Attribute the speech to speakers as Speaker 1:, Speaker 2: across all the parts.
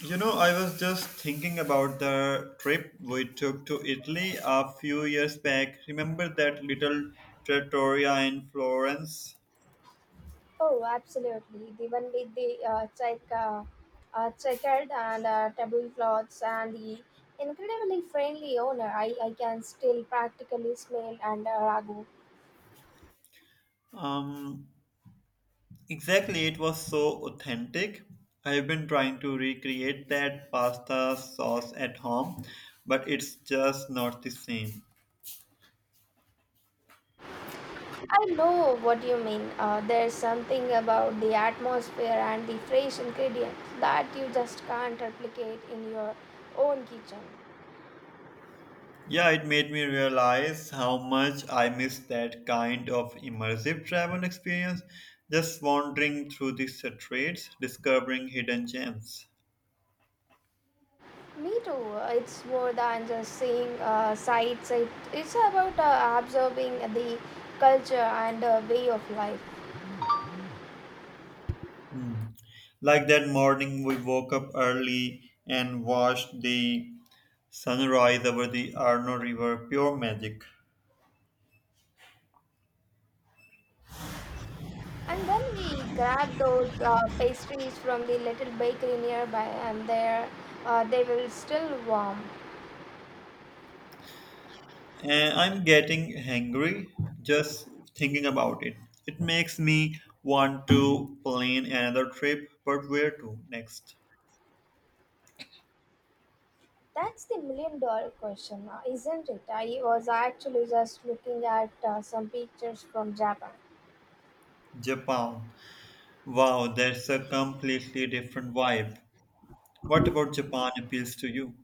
Speaker 1: You know, I was just thinking about the trip we took to Italy a few years back. Remember that little trattoria in Florence?
Speaker 2: Oh, absolutely. The one with the checkered and tablecloths and the incredibly friendly owner. I can still practically smell and ragu.
Speaker 1: Um, exactly, it was so authentic. I've been trying to recreate that pasta sauce at home, but it's just not the same.
Speaker 2: I know what you mean. There's something about the atmosphere and the fresh ingredients that you just can't replicate in your own kitchen.
Speaker 1: Yeah, it made me realize how much I miss that kind of immersive travel experience, just wandering through the streets, discovering hidden gems.
Speaker 2: Me too. It's more than just seeing sights. It's about absorbing the culture and way of life.
Speaker 1: Hmm. Like that morning, we woke up early and watched the sunrise over the Arno River, pure magic.
Speaker 2: And then we grabbed those pastries from the little bakery nearby, and there they were still warm.
Speaker 1: And I'm getting hangry just thinking about it. It makes me want to plan another trip, but where to next?
Speaker 2: That's the million dollar question, isn't it? I was actually just looking at some pictures from Japan.
Speaker 1: Japan. Wow, that's a completely different vibe. What about Japan appeals to you?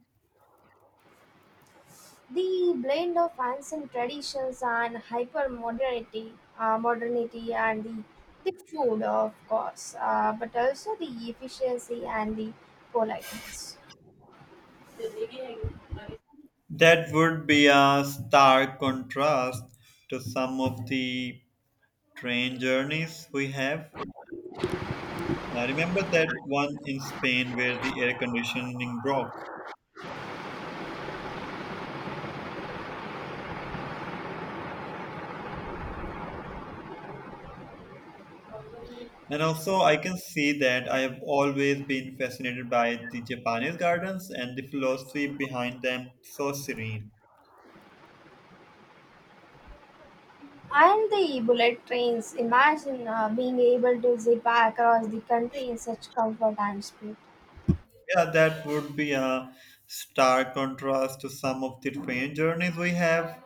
Speaker 2: The blend of ancient traditions and hyper modernity and the food, of course, but also the efficiency and the politeness.
Speaker 1: That would be a stark contrast to some of the train journeys we have. I remember that one in Spain where the air conditioning broke. And also, I can see that I have always been fascinated by the Japanese gardens and the philosophy behind them, so serene.
Speaker 2: And the bullet trains. Imagine being able to zip across the country in such comfort and speed.
Speaker 1: Yeah, that would be a stark contrast to some of the train journeys we have.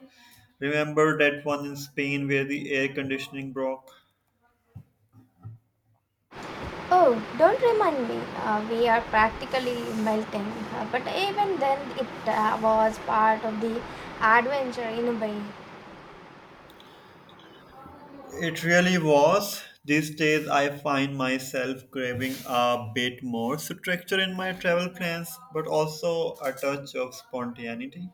Speaker 1: Remember that one in Spain where the air conditioning broke?
Speaker 2: Oh, don't remind me. We are practically melting. But even then, it was part of the adventure in a way.
Speaker 1: It really was. These days, I find myself craving a bit more structure in my travel plans, but also a touch of spontaneity.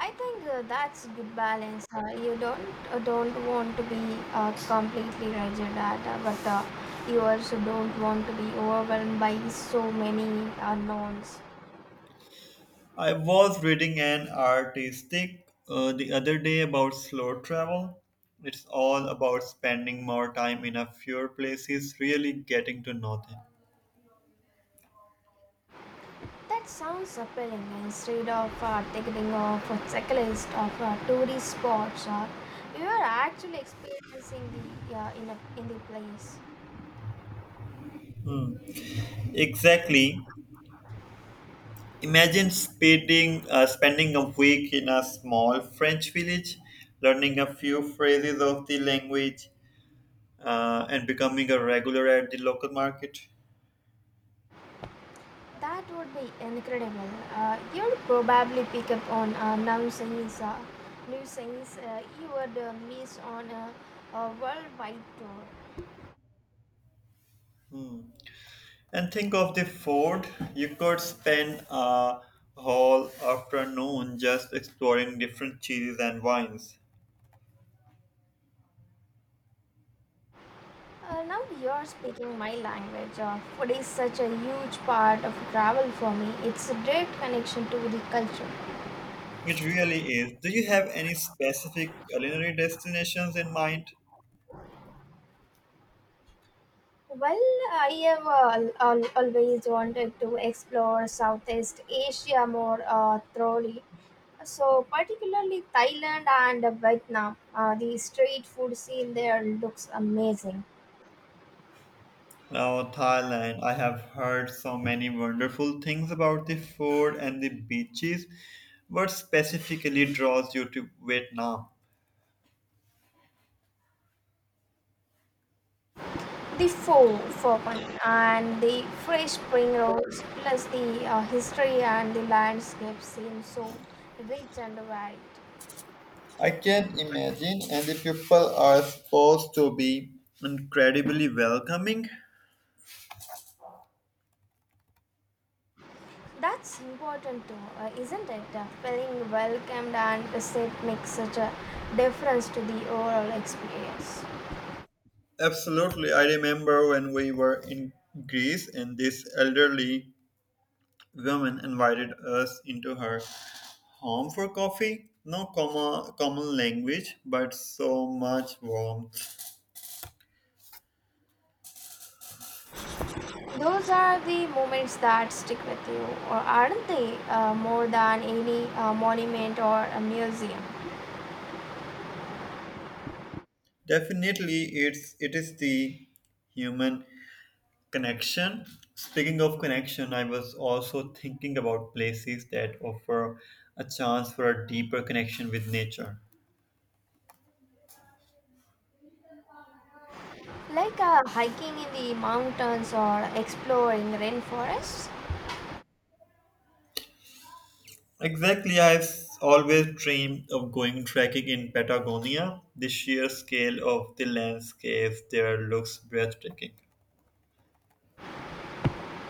Speaker 2: I think that's a good balance. You don't want to be completely rigid, at, but you also don't want to be overwhelmed by so many unknowns.
Speaker 1: I was reading an artistic the other day about slow travel. It's all about spending more time in a fewer places, really getting to know them.
Speaker 2: That sounds appealing. Instead of thinking of a checklist of tourist spots, you are actually experiencing the in the place.
Speaker 1: Hmm, exactly. Imagine spending a week in a small French village, learning a few phrases of the language, and becoming a regular at the local market.
Speaker 2: That would be incredible. You'll probably pick up on new things you would miss on a worldwide tour.
Speaker 1: And think of the food. You could spend a whole afternoon just exploring different cheeses and wines.
Speaker 2: Now you're speaking my language. Food is such a huge part of travel for me. It's a direct connection to the culture.
Speaker 1: It really is. Do you have any specific culinary destinations in mind?
Speaker 2: Well, I have always wanted to explore Southeast Asia more thoroughly. So, particularly Thailand and Vietnam, the street food scene there looks amazing.
Speaker 1: Oh, Thailand. I have heard so many wonderful things about the food and the beaches. What specifically draws you to Vietnam?
Speaker 2: The pho bun and the fresh spring rolls, plus the history and the landscape seem so rich and varied.
Speaker 1: I can't imagine, and the people are supposed to be incredibly welcoming.
Speaker 2: That's important too, isn't it? Feeling welcomed and received makes such a difference to the overall experience.
Speaker 1: Absolutely. I remember when we were in Greece and this elderly woman invited us into her home for coffee. No comma, common language, but so much warmth.
Speaker 2: Those are the moments that stick with you, or aren't they? More than any monument or a museum,
Speaker 1: Definitely, it's it is the human connection. Speaking of connection, I was also thinking about places that offer a chance for a deeper connection with nature.
Speaker 2: like hiking in the mountains or exploring rainforests.
Speaker 1: Exactly, I've always dreamed of going trekking in Patagonia. The sheer scale of the landscapes there looks breathtaking.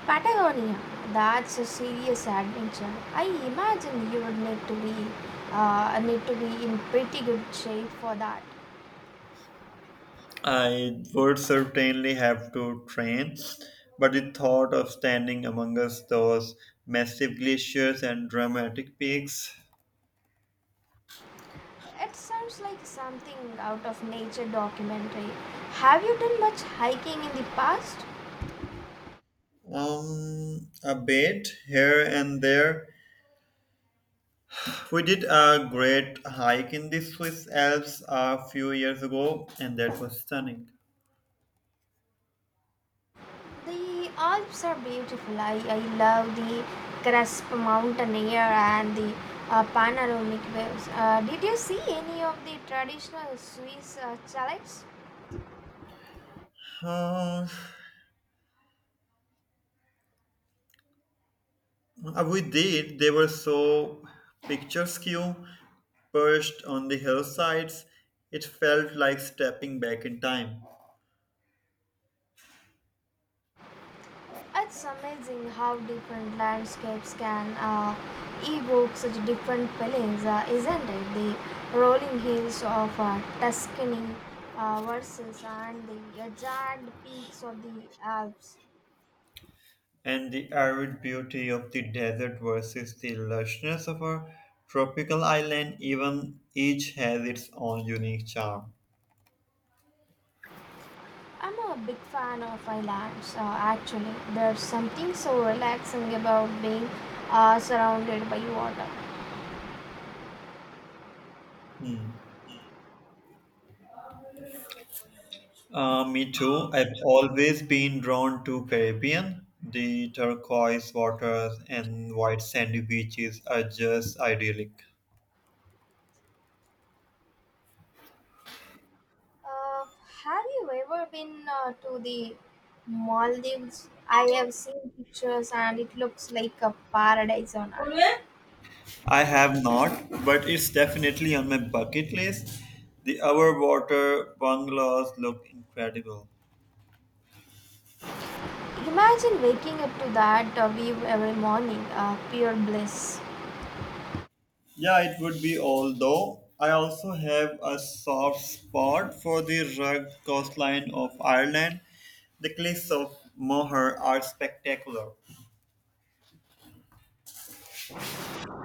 Speaker 2: Patagonia, that's a serious adventure. I imagine you would need to be in pretty good shape for that.
Speaker 1: I would certainly have to train, but the thought of standing amongst those massive glaciers and dramatic peaks.
Speaker 2: It sounds like something out of nature documentary. Have you done much hiking in the past?
Speaker 1: A bit here and there. We did a great hike in the Swiss Alps a few years ago, and that was stunning.
Speaker 2: The Alps are beautiful. I love the crisp mountain air and the panoramic waves. Did you see any of the traditional Swiss chalets?
Speaker 1: Uh, we did. They were so picturesque, perched on the hillsides. It felt like stepping back in time.
Speaker 2: It's amazing how different landscapes can evoke such different feelings, isn't it? The rolling hills of Tuscany versus and the jagged peaks of the Alps.
Speaker 1: And the arid beauty of the desert versus the lushness of a tropical island, even each has its own unique charm.
Speaker 2: I'm a big fan of islands, actually. There's something so relaxing about being surrounded by water.
Speaker 1: Hmm. Me too. I've always been drawn to Caribbean. The turquoise waters and white sandy beaches are just idyllic.
Speaker 2: Uh, have you ever been to the Maldives? I have seen pictures and it looks like a paradise on earth.
Speaker 1: I have not, but it's definitely on my bucket list. The hour water bungalows look incredible.
Speaker 2: Imagine waking up to that view every morning, pure bliss.
Speaker 1: Yeah, it would be, although I also have a soft spot for the rugged coastline of Ireland. The cliffs of Moher are spectacular.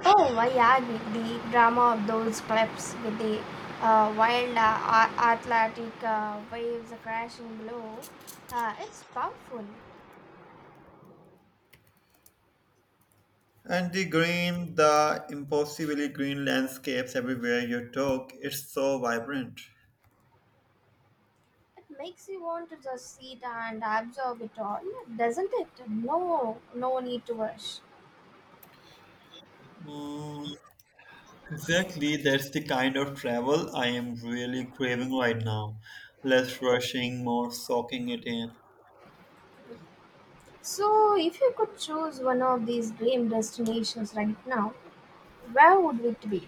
Speaker 2: Oh, I agree. The drama of those cliffs with the wild Atlantic waves crashing below, it's powerful.
Speaker 1: And the green, the impossibly green landscapes everywhere you took, it's so vibrant.
Speaker 2: It makes you want to just sit and absorb it all, doesn't it? No, no need to rush.
Speaker 1: Mm, exactly, that's the kind of travel I am really craving right now. Less rushing, more soaking it in.
Speaker 2: So, if you could choose one of these dream destinations right now, where would it be?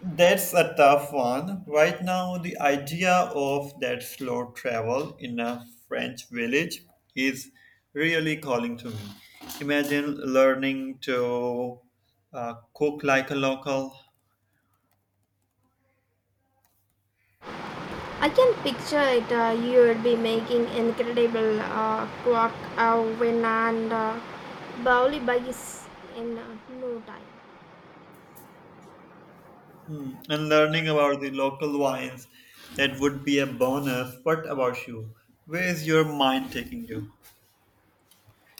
Speaker 1: That's a tough one. Right now, the idea of that slow travel in a French village is really calling to me. Imagine learning to cook like a local
Speaker 2: I can picture it. You would be making incredible win and bowly bugs in no time.
Speaker 1: and learning about the local wines. That would be a bonus. What about you? Where is your mind taking you?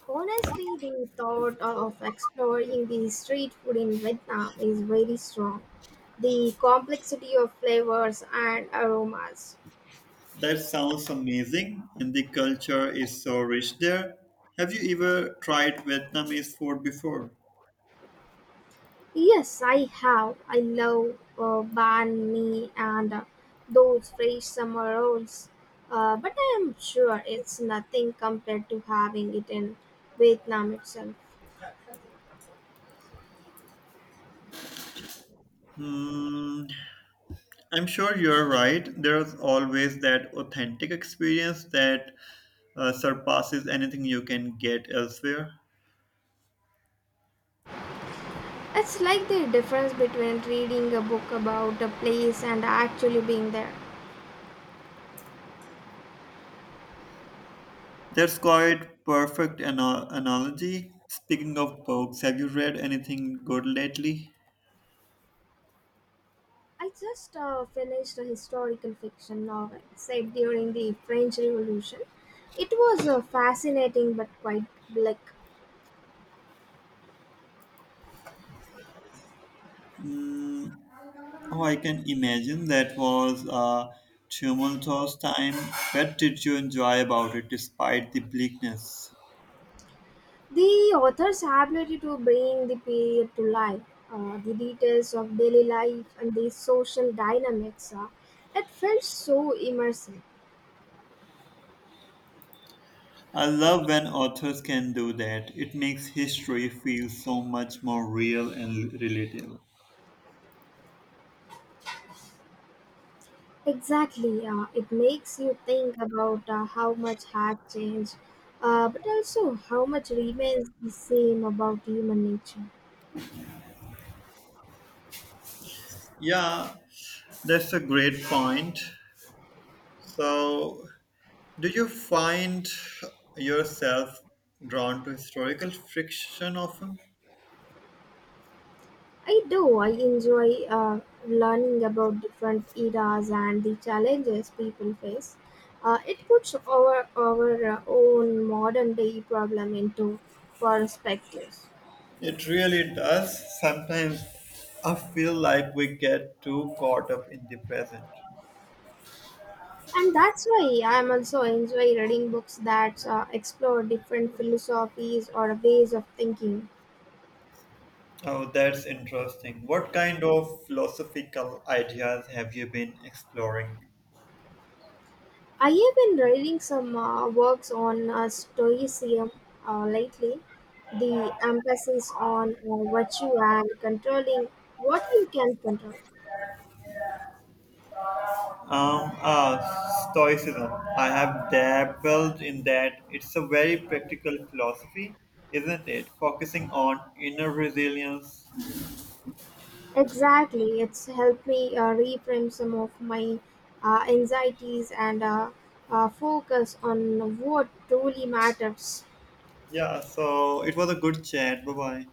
Speaker 2: Honestly, the thought of exploring the street food in Vietnam is very strong. The complexity of flavors and aromas.
Speaker 1: That sounds amazing, and the culture is so rich there. Have you ever tried Vietnamese food before?
Speaker 2: Yes, I have. I love banh mi and those fresh summer rolls. But I am sure it's nothing compared to having it in Vietnam itself.
Speaker 1: Hmm, I'm sure you're right. There's always that authentic experience that surpasses anything you can get elsewhere.
Speaker 2: It's like the difference between reading a book about a place and actually being there.
Speaker 1: That's quite perfect analogy. Speaking of books, have you read anything good lately?
Speaker 2: I just finished a historical fiction novel set during the French Revolution. It was fascinating but quite bleak.
Speaker 1: Mm, oh, I can imagine that was a tumultuous time. What did you enjoy about it despite the bleakness?
Speaker 2: The author's ability to bring the period to life, the details of daily life, and the social dynamics, it felt so immersive.
Speaker 1: I love when authors can do that. It makes history feel so much more real and relatable.
Speaker 2: Exactly, it makes you think about how much has changed, but also how much remains the same about human nature.
Speaker 1: Yeah, that's a great point. So, do you find yourself drawn to historical fiction often?
Speaker 2: I do. I enjoy learning about different eras and the challenges people face. It puts our own modern day problem into perspective.
Speaker 1: It really does. Sometimes I feel like we get too caught up in the present.
Speaker 2: And that's why I'm also enjoy reading books that explore different philosophies or ways of thinking.
Speaker 1: Oh, that's interesting. What kind of philosophical ideas have you been exploring?
Speaker 2: I have been reading some works on Stoicism lately. The emphasis on virtue and controlling what you can control.
Speaker 1: Um, uh, Stoicism. I have dabbled in that. It's a very practical philosophy, isn't it? Focusing on inner resilience.
Speaker 2: Exactly, it's helped me reframe some of my anxieties and focus on what truly matters.
Speaker 1: Yeah, so it was a good chat. Bye bye.